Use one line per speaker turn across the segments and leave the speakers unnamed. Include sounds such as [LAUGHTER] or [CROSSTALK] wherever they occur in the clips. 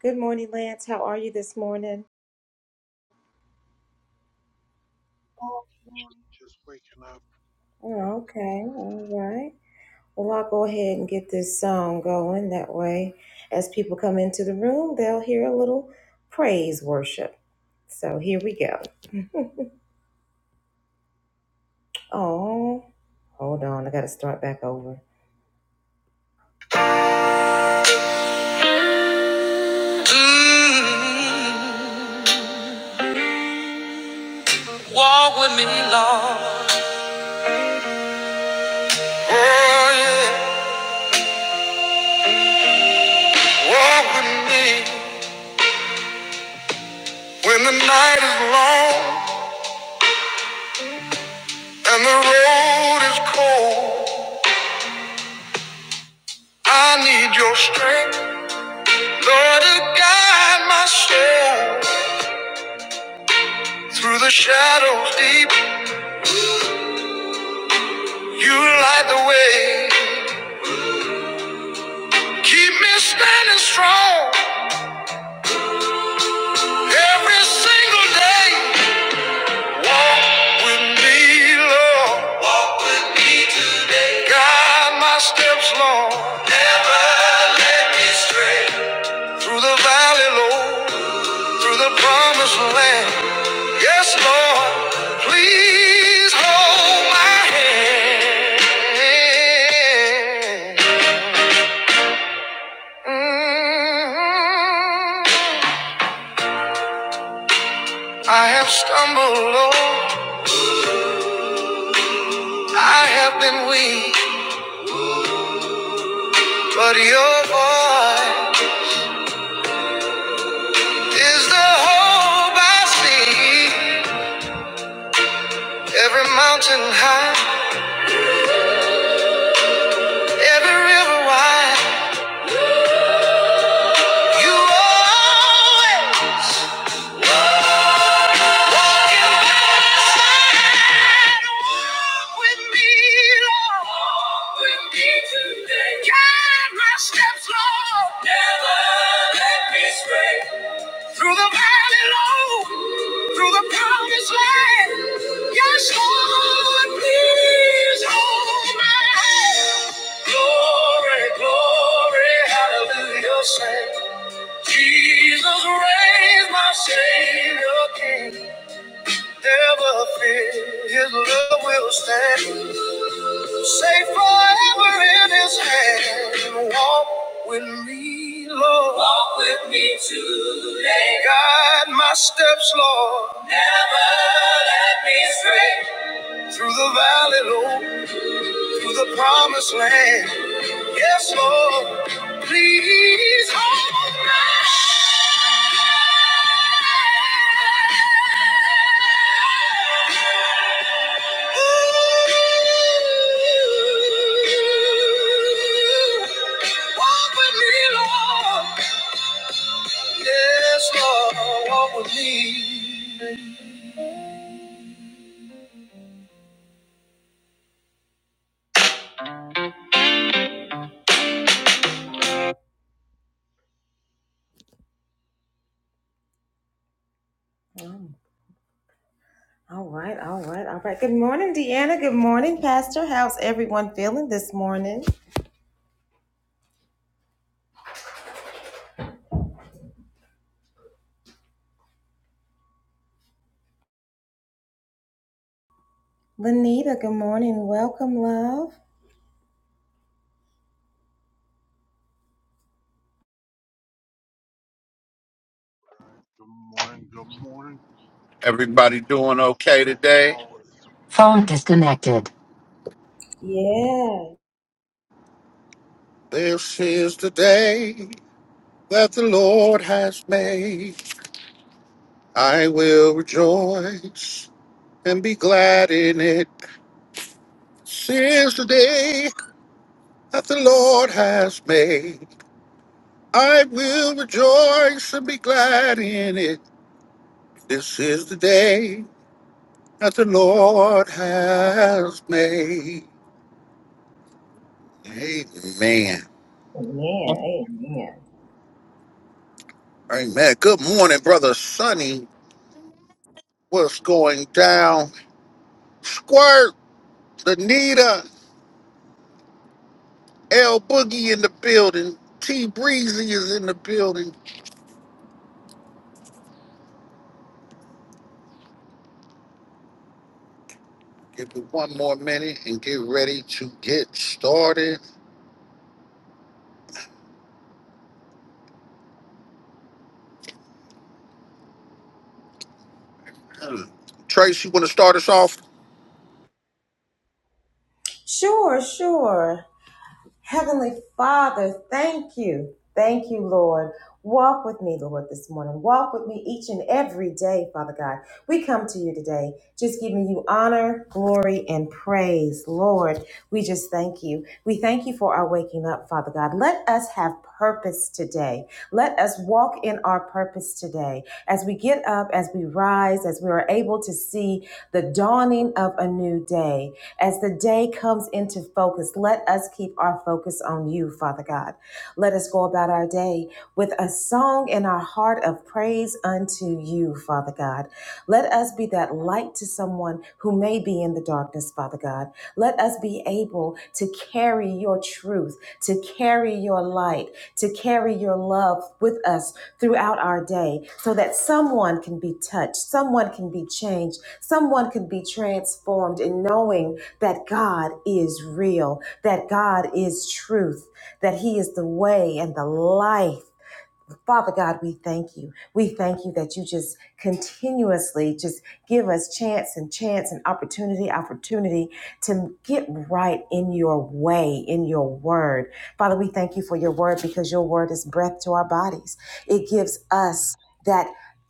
Good morning, Lance. How are you this morning? Oh,
morning, just waking up.
okay. All right. Well, I'll go ahead and get this song going. That way, as people come into the room, they'll hear a little praise worship. So here we go. Oh, hold on. I got to start back over. Mm, walk with me, Lord. Oh, yeah. Walk with me. When the night is long and the road is cold, I need your strength. Lord, guide my steps through the shadows deep. You light the way. Keep me standing strong every single day. Walk with me, Lord. Walk my steps, Lord. Never let me stray. Through the valley, Lord. Through the promised land. Yes, Lord. Please hold my hand. Mhm. I have stumbled, Lord. I have been weak. But your voice is the hope I see. Every mountain high, every river wide. You always walking beside. Walk with me, Lord. Walk with me today. Guide my steps, Lord. Never let me stray. Through the valley low, through the promised land. Yes, Lord, please hold my hand. glory, glory, hallelujah, say. Jesus reigns, my Savior King. Never fear, His love will stand. Safe forever in His hand. Walk with me, Lord. Walk with me today. Guide my steps, Lord. Never let me stray through the valley, Lord. to the promised land. Yes, Lord, please hold me. Ooh, Walk with me, Lord. Yes, Lord, walk with me. Mm, All right, all right, all right. Good morning, Deanna. Good morning, Pastor. How's everyone feeling this morning? Lenita, good morning. Welcome, love.
Good morning, good morning.
Everybody doing okay
Hope
today?
all
Phone disconnected.
Yeah.
This is the day that the Lord has made. I will rejoice and be glad in it. This is the day that the Lord has made. I will rejoice and be glad in it. This is the day that the Lord has made. Amen.
Amen. Amen.
Amen. Good morning, brother Sonny. What's going down? Squirt, Anita, L Boogie in the building. T Breezy is in the building. Give it one more minute and get ready to get started. Hmm. Trace, you want to start us off?
Sure, sure. Heavenly Father, thank you. Thank you, Lord. Walk with me, Lord, this morning. Walk with me each and every day, Father God. We come to you today just giving you honor, glory, and praise, Lord. We just thank you. We thank you for our waking up, Father God. Let us have purpose today. Let us walk in our purpose today. As we get up, as we rise, as we are able to see the dawning of a new day, as the day comes into focus, let us keep our focus on you, Father God. Let us go about our day with a song in our heart of praise unto you, Father God. Let us be that light to someone who may be in the darkness, Father God. Let us be able to carry your truth, to carry your light, to carry your love with us throughout our day so that someone can be touched, someone can be changed, someone can be transformed in knowing that God is real, that God is truth, that He is the way and the life. Father God, we thank you. We thank you that you just continuously just give us chance and chance and opportunity, opportunity to get right in your way, in your word. Father, we thank you for your word because your word is breath to our bodies. It gives us that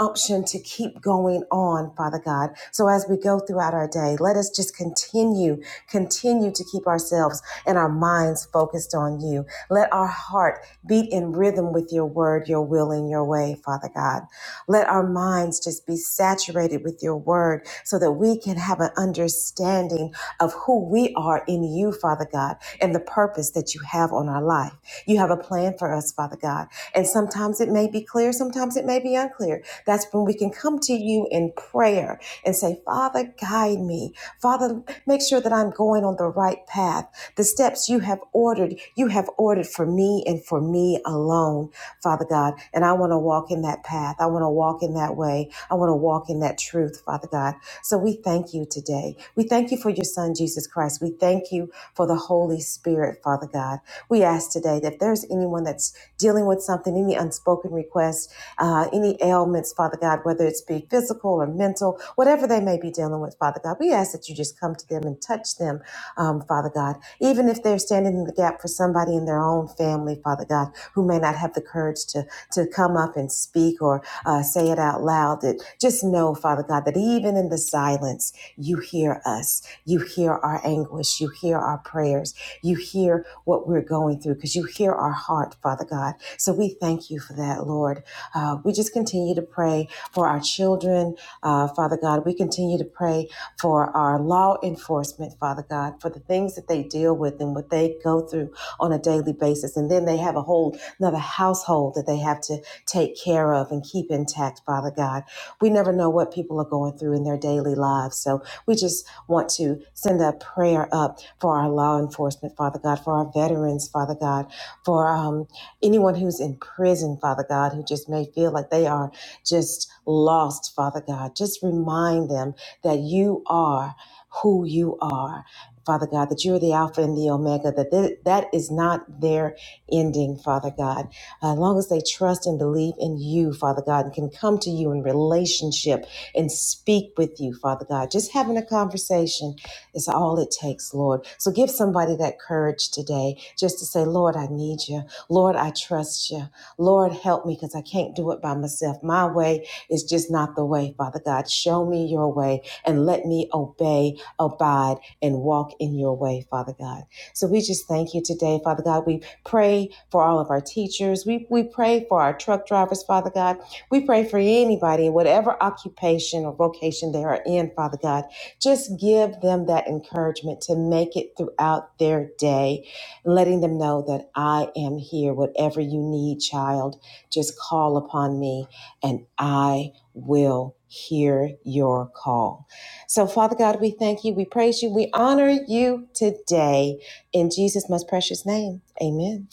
option to keep going on, Father God. So as we go throughout our day, let us just continue, continue to keep ourselves and our minds focused on you. Let our heart beat in rhythm with your word, your will, and your way, Father God. Let our minds just be saturated with your word so that we can have an understanding of who we are in you, Father God, and the purpose that you have on our life. You have a plan for us, Father God. And sometimes it may be clear, sometimes it may be unclear. That's when we can come to you in prayer and say, Father, guide me. Father, make sure that I'm going on the right path. The steps you have ordered, you have ordered for me and for me alone, Father God. And I want to walk in that path. I want to walk in that way. I want to walk in that truth, Father God. So we thank you today. We thank you for your Son, Jesus Christ. We thank you for the Holy Spirit, Father God. We ask today that if there's anyone that's dealing with something, any unspoken request, uh, any ailments, Father God, whether it's be physical or mental, whatever they may be dealing with, Father God, we ask that you just come to them and touch them um, Father God. Even if they're standing in the gap for somebody in their own family, Father God, who may not have the courage to, to come up and speak or uh, say it out loud, that just know, Father God, that even in the silence, you hear us. You hear our anguish. You hear our prayers. You hear what we're going through because you hear our heart, Father God. So we thank you for that, Lord. Uh, we just continue to pray for our children, uh, Father God. We continue to pray for our law enforcement, Father God, for the things that they deal with and what they go through on a daily basis. And then they have a whole another household that they have to take care of and keep intact, Father God. We never know what people are going through in their daily lives. So we just want to send a prayer up for our law enforcement, Father God, for our veterans, Father God, for um, anyone who's in prison, Father God, who just may feel like they are just lost, Father God. Just remind them that you are who you are. Father God, that you're the Alpha and the Omega, that th- that is not their ending, Father God. As long as they trust and believe in you, Father God, and can come to you in relationship and speak with you, Father God, just having a conversation is all it takes, Lord. So give somebody that courage today just to say, Lord, I need you. Lord, I trust you. Lord, help me because I can't do it by myself. My way is just not the way, Father God. Show me your way and let me obey, abide, and walk in your way, Father God. So we just thank you today, Father God. We pray for all of our teachers. We, we pray for our truck drivers, Father God. We pray for anybody, whatever occupation or vocation they are in, Father God. Just give them that encouragement to make it throughout their day, letting them know that I am here. Whatever you need, child, just call upon me and I will hear your call. So, Father God, we thank you, we praise you, we honor you today. In Jesus' most precious name, amen.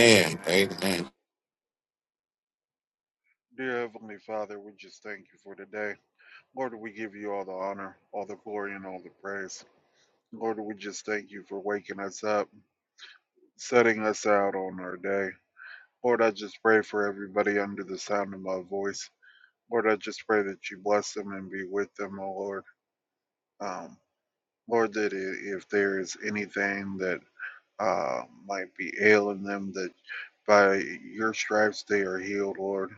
is Amen.
Amen.
Dear Heavenly Father, we just thank you for today. Lord, we give you all the honor, all the glory, and all the praise. Lord, we just thank you for waking us up, setting us out on our day. Lord, I just pray for everybody under the sound of my voice. Lord, I just pray that you bless them and be with them, oh Lord. Um, Lord, that if there is anything that uh, might be ailing them, that By your stripes they are healed, Lord.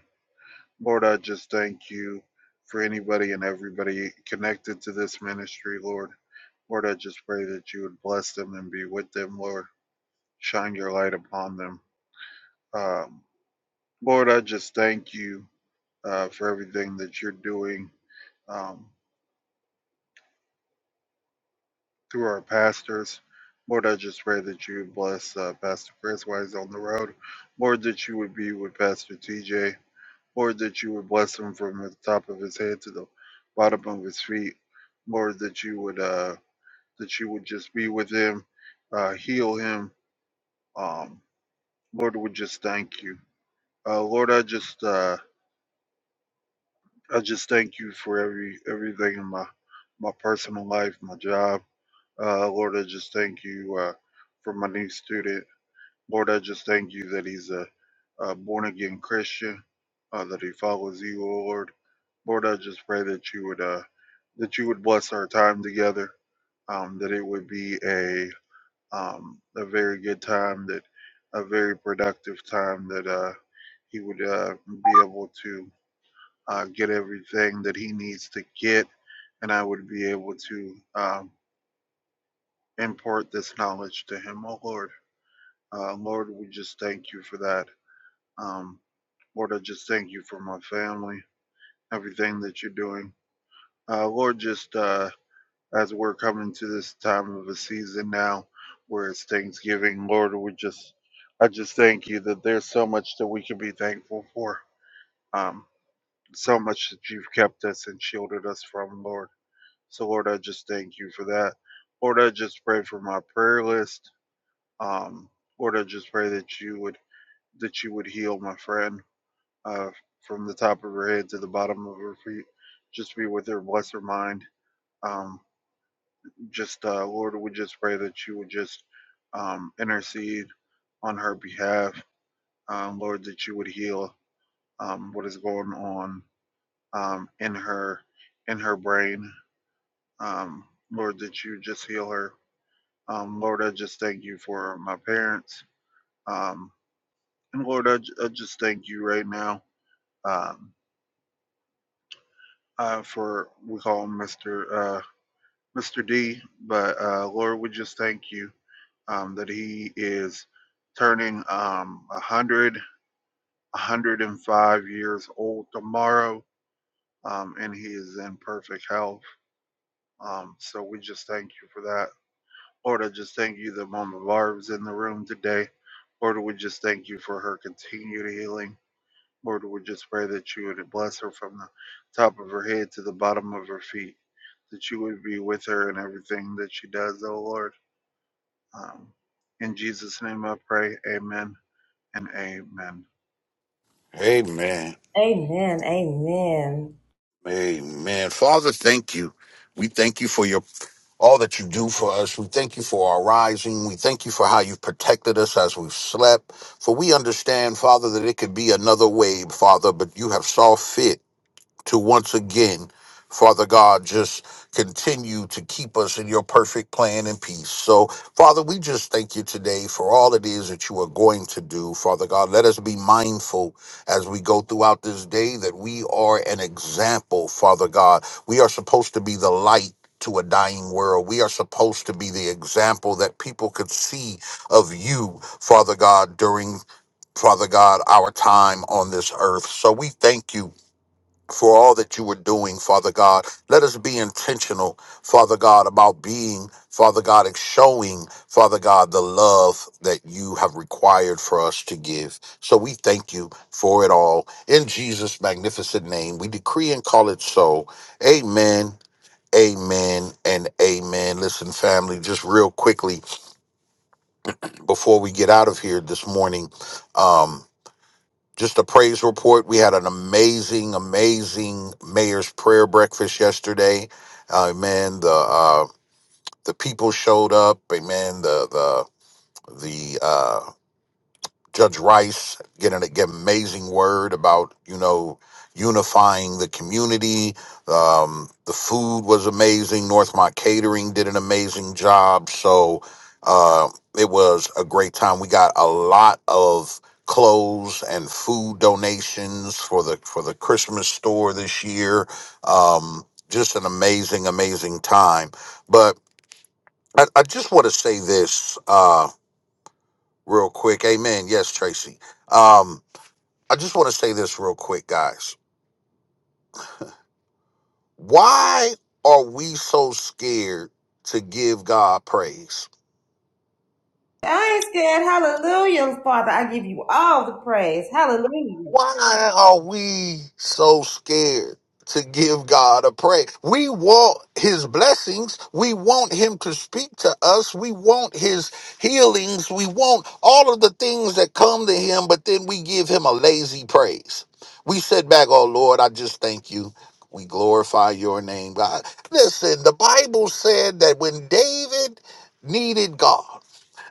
Lord, I just thank you for anybody and everybody connected to this ministry, Lord. Lord, I just pray that you would bless them and be with them, Lord. Shine your light upon them. Um, Lord, I just thank you uh, for everything that you're doing um, through our pastors. Lord, I just pray that you would bless uh, Pastor Chris while he's on the road. Lord, that you would be with Pastor TJ. Or that you would bless him from the top of his head to the bottom of his feet. Lord, that you would uh, that you would just be with him, uh, heal him. Um, Lord, we just thank you. Uh, Lord, I just uh, I just thank you for every everything in my my personal life, my job. Uh, Lord, I just thank you uh, for my new student. Lord, I just thank you that he's a, a born again Christian, uh, that he follows you, O Lord. Lord, I just pray that you would uh, that you would bless our time together, um, that it would be a um, a very good time, that a very productive time, that uh, he would uh, be able to uh, get everything that he needs to get, and I would be able to um, impart this knowledge to him, oh Lord. Uh, Lord, we just thank you for that. Um, Lord, I just thank you for my family, everything that you're doing. Uh, Lord, just uh, as we're coming to this time of the season now, where it's Thanksgiving, Lord, we just, I just thank you that there's so much that we can be thankful for. Um, so much that you've kept us and shielded us from, Lord. So, Lord, I just thank you for that. Lord, I just pray for my prayer list. Um, Lord, I just pray that you would that you would heal my friend uh, from the top of her head to the bottom of her feet. Just be with her, bless her mind. Um, just, uh, Lord, we just pray that you would just um, intercede on her behalf. Um, Lord, that you would heal um, what is going on um, in her in her brain. Um, Lord, that you just heal her. Um, Lord, I just thank you for my parents. Um, and Lord, I I just thank you right now um, uh, for we call him Mr. Mr. D, but uh, Lord, we just thank you um, that he is turning um, 100, 105 years old tomorrow, um, and he is in perfect health. Um, so we just thank you for that. Lord, I just thank you that Mama Barb is in the room today. Lord, we just thank you for her continued healing. Lord, we just pray that you would bless her from the top of her head to the bottom of her feet, that you would be with her in everything that she does, oh Lord Um, in Jesus' name I pray, amen and amen.
Amen.
Amen. Amen.
Amen. Father, thank you. We thank you for your all that you do for us. We thank you for our rising. We thank you for how you've protected us as we've slept. For we understand, Father, that it could be another way, Father, but you have saw fit to once again, Father God, just continue to keep us in your perfect plan and peace. So, Father, we just thank you today for all it is that you are going to do, Father God. Let us be mindful as we go throughout this day that we are an example, Father God. We are supposed to be the light. To a dying world. We are supposed to be the example that people could see of you, Father God, during, Father God, our time on this earth. So we thank you for all that you were doing, Father God. Let us be intentional, Father God, about being, Father God, and showing, Father God, the love that you have required for us to give. So we thank you for it all. In Jesus' magnificent name, we decree and call it so. Amen. Amen and amen. Listen, family, just real quickly before we get out of here this morning, um, just a praise report. We had an amazing, amazing mayor's prayer breakfast yesterday. Uh, man, the uh, the people showed up. Amen. The the the uh, Judge Rice getting an get amazing word about you know unifying the community. Um, the food was amazing. Northmont Catering did an amazing job. So uh, it was a great time. We got a lot of clothes and food donations for the for the Christmas store this year. Um, just an amazing, amazing time. But I, I just want to say this uh, real quick. Amen. Yes, Tracy. Um, I just want to say this real quick, guys. Why are we so scared to give God praise?
I ain't scared. Hallelujah, Father. I give you all the praise. Hallelujah.
Why are we so scared to give God a praise? We want his blessings. We want him to speak to us. We want his healings. We want all of the things that come to him, but then we give him a lazy praise. We sit back, oh Lord, I just thank you. We glorify your name, God. Listen, the Bible said that when David needed God,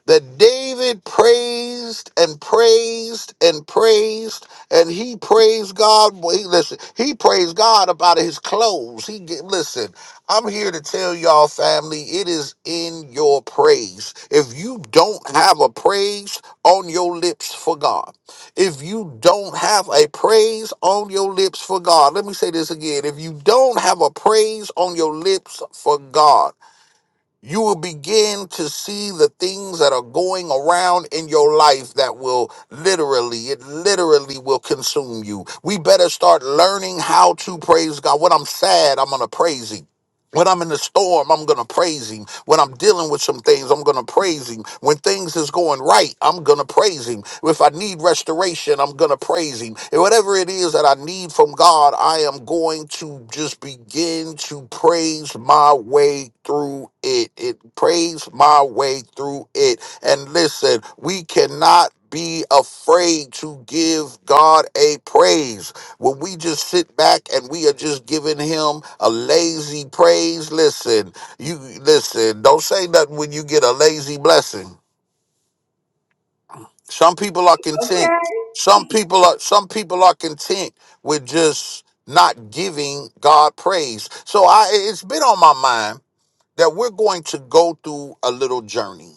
that David praised and praised and praised, and he praised God. Well, he listen, he praised God about his clothes. He get, listen. I'm here to tell y'all, family, it is in your praise. If you don't have a praise on your lips for God, if you don't have a praise on your lips for God, let me say this again. If you don't have a praise on your lips for God, you will begin to see the things that are going around in your life that will literally, it literally will consume you. We better start learning how to praise God. When I'm sad, I'm going to praise Him. When I'm in the storm, I'm going to praise him. When I'm dealing with some things, I'm going to praise him. When things is going right, I'm going to praise him. If I need restoration, I'm going to praise him. And whatever it is that I need from God, I am going to just begin to praise my way through it. It praise my way through it. And listen, we cannot be afraid to give God a praise when we just sit back and we are just giving him a lazy praise listen you listen don't say nothing when you get a lazy blessing some people are content
Okay.
some people are some people are content with just not giving god praise so i it's been on my mind that we're going to go through a little journey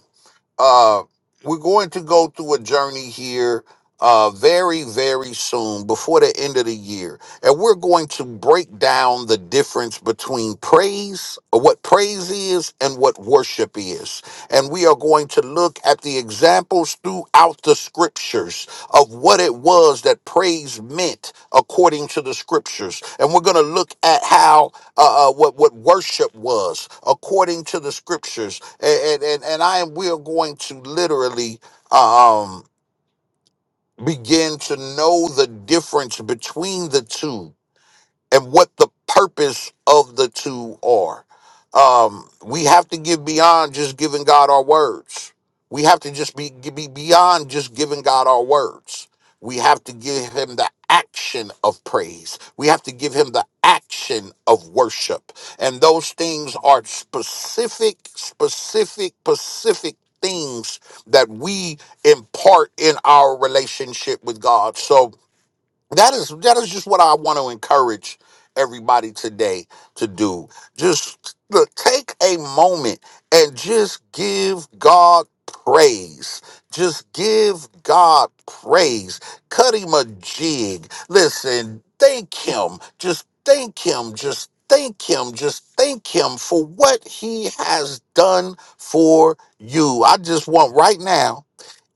uh, we're going to go through a journey here uh, very, very soon before the end of the year. And we're going to break down the difference between praise, or what praise is, and what worship is. And we are going to look at the examples throughout the scriptures of what it was that praise meant according to the scriptures. And we're going to look at how, uh, uh, what, what worship was according to the scriptures and and, and I am we are going to literally uh, um begin to know the difference between the two and what the purpose of the two are. Um, we have to give beyond just giving God our words. We have to just be, be beyond just giving God our words. We have to give him the action of praise. We have to give him the action of worship. And those things are specific, specific, specific things that we impart in our relationship with God. So that is that is just what I want to encourage everybody today to do. Just look, take a moment and just give God praise. Just give God praise. Cut him a jig. Listen, thank him. Just thank him. Just thank him. Just thank him for what he has done for you. I just want right now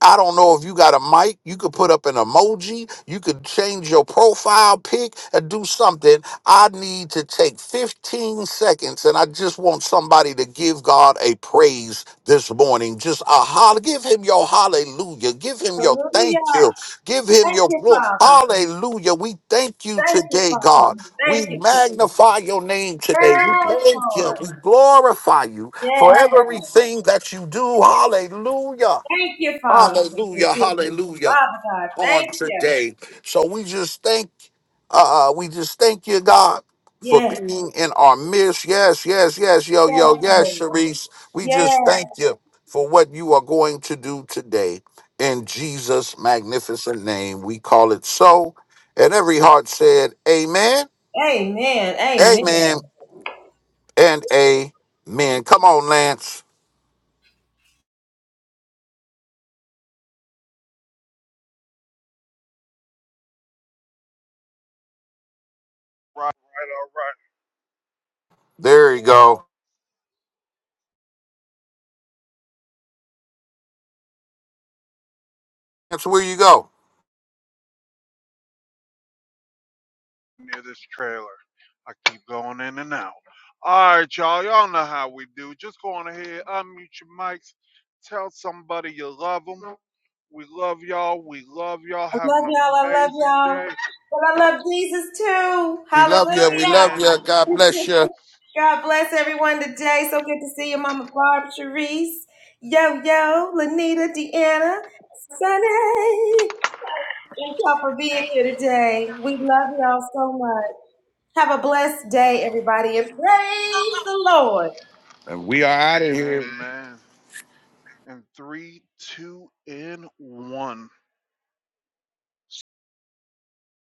I don't know if you got a mic. You could put up an emoji. You could change your profile pic and do something. I need to take 15 seconds and I just want somebody to give God a praise this morning. Just a holler. Give him your hallelujah. Give him your
Hallelujah.
thank you. Give him
Thank
your
you,
glory.
Father.
Hallelujah. We thank you
Thank you,
today,
Father.
God. We
Thank you for this.
magnify your name today. We
Yes,
thank you.
Lord.
We glorify you for
Yes, Father.
everything that you do. Hallelujah.
Thank you, Father, for the
Hallelujah,
provision.
hallelujah
Father God,
on
thank you.
today. So we just thank uh we just thank you, God, for
Yes,
being in our midst. Yes, yes, yes, yo,
yes,
yo, yes,
Lord.
Sharice. We just
Yes,
thank you for what you are going to do today. In Jesus' magnificent name, we call it so. And every heart said, Amen,
Amen.
Amen,
Amen.
and Amen. Come on, Lance.
Right, right, all
There you go. That's where you go.
right, near this trailer. I keep going in and out. All right, y'all, y'all know how we do. Just go on ahead, unmute your mics, tell somebody you love them. We love y'all. We love y'all.
I
Have
love
an
y'all. I love
amazing
y'all.
day.
But I love Jesus too.
We love you. We
Hallelujah.
love
Amen.
you. God bless you.
[LAUGHS] God bless everyone today. So good to see you, Mama Barb, Sharice, Yo Yo, Lanita, Deanna, Sunny. Thank y'all for being here today. We love y'all so much. Have a blessed day, everybody, and praise the Lord.
And we are out of here.
Amen. And three, two, and one.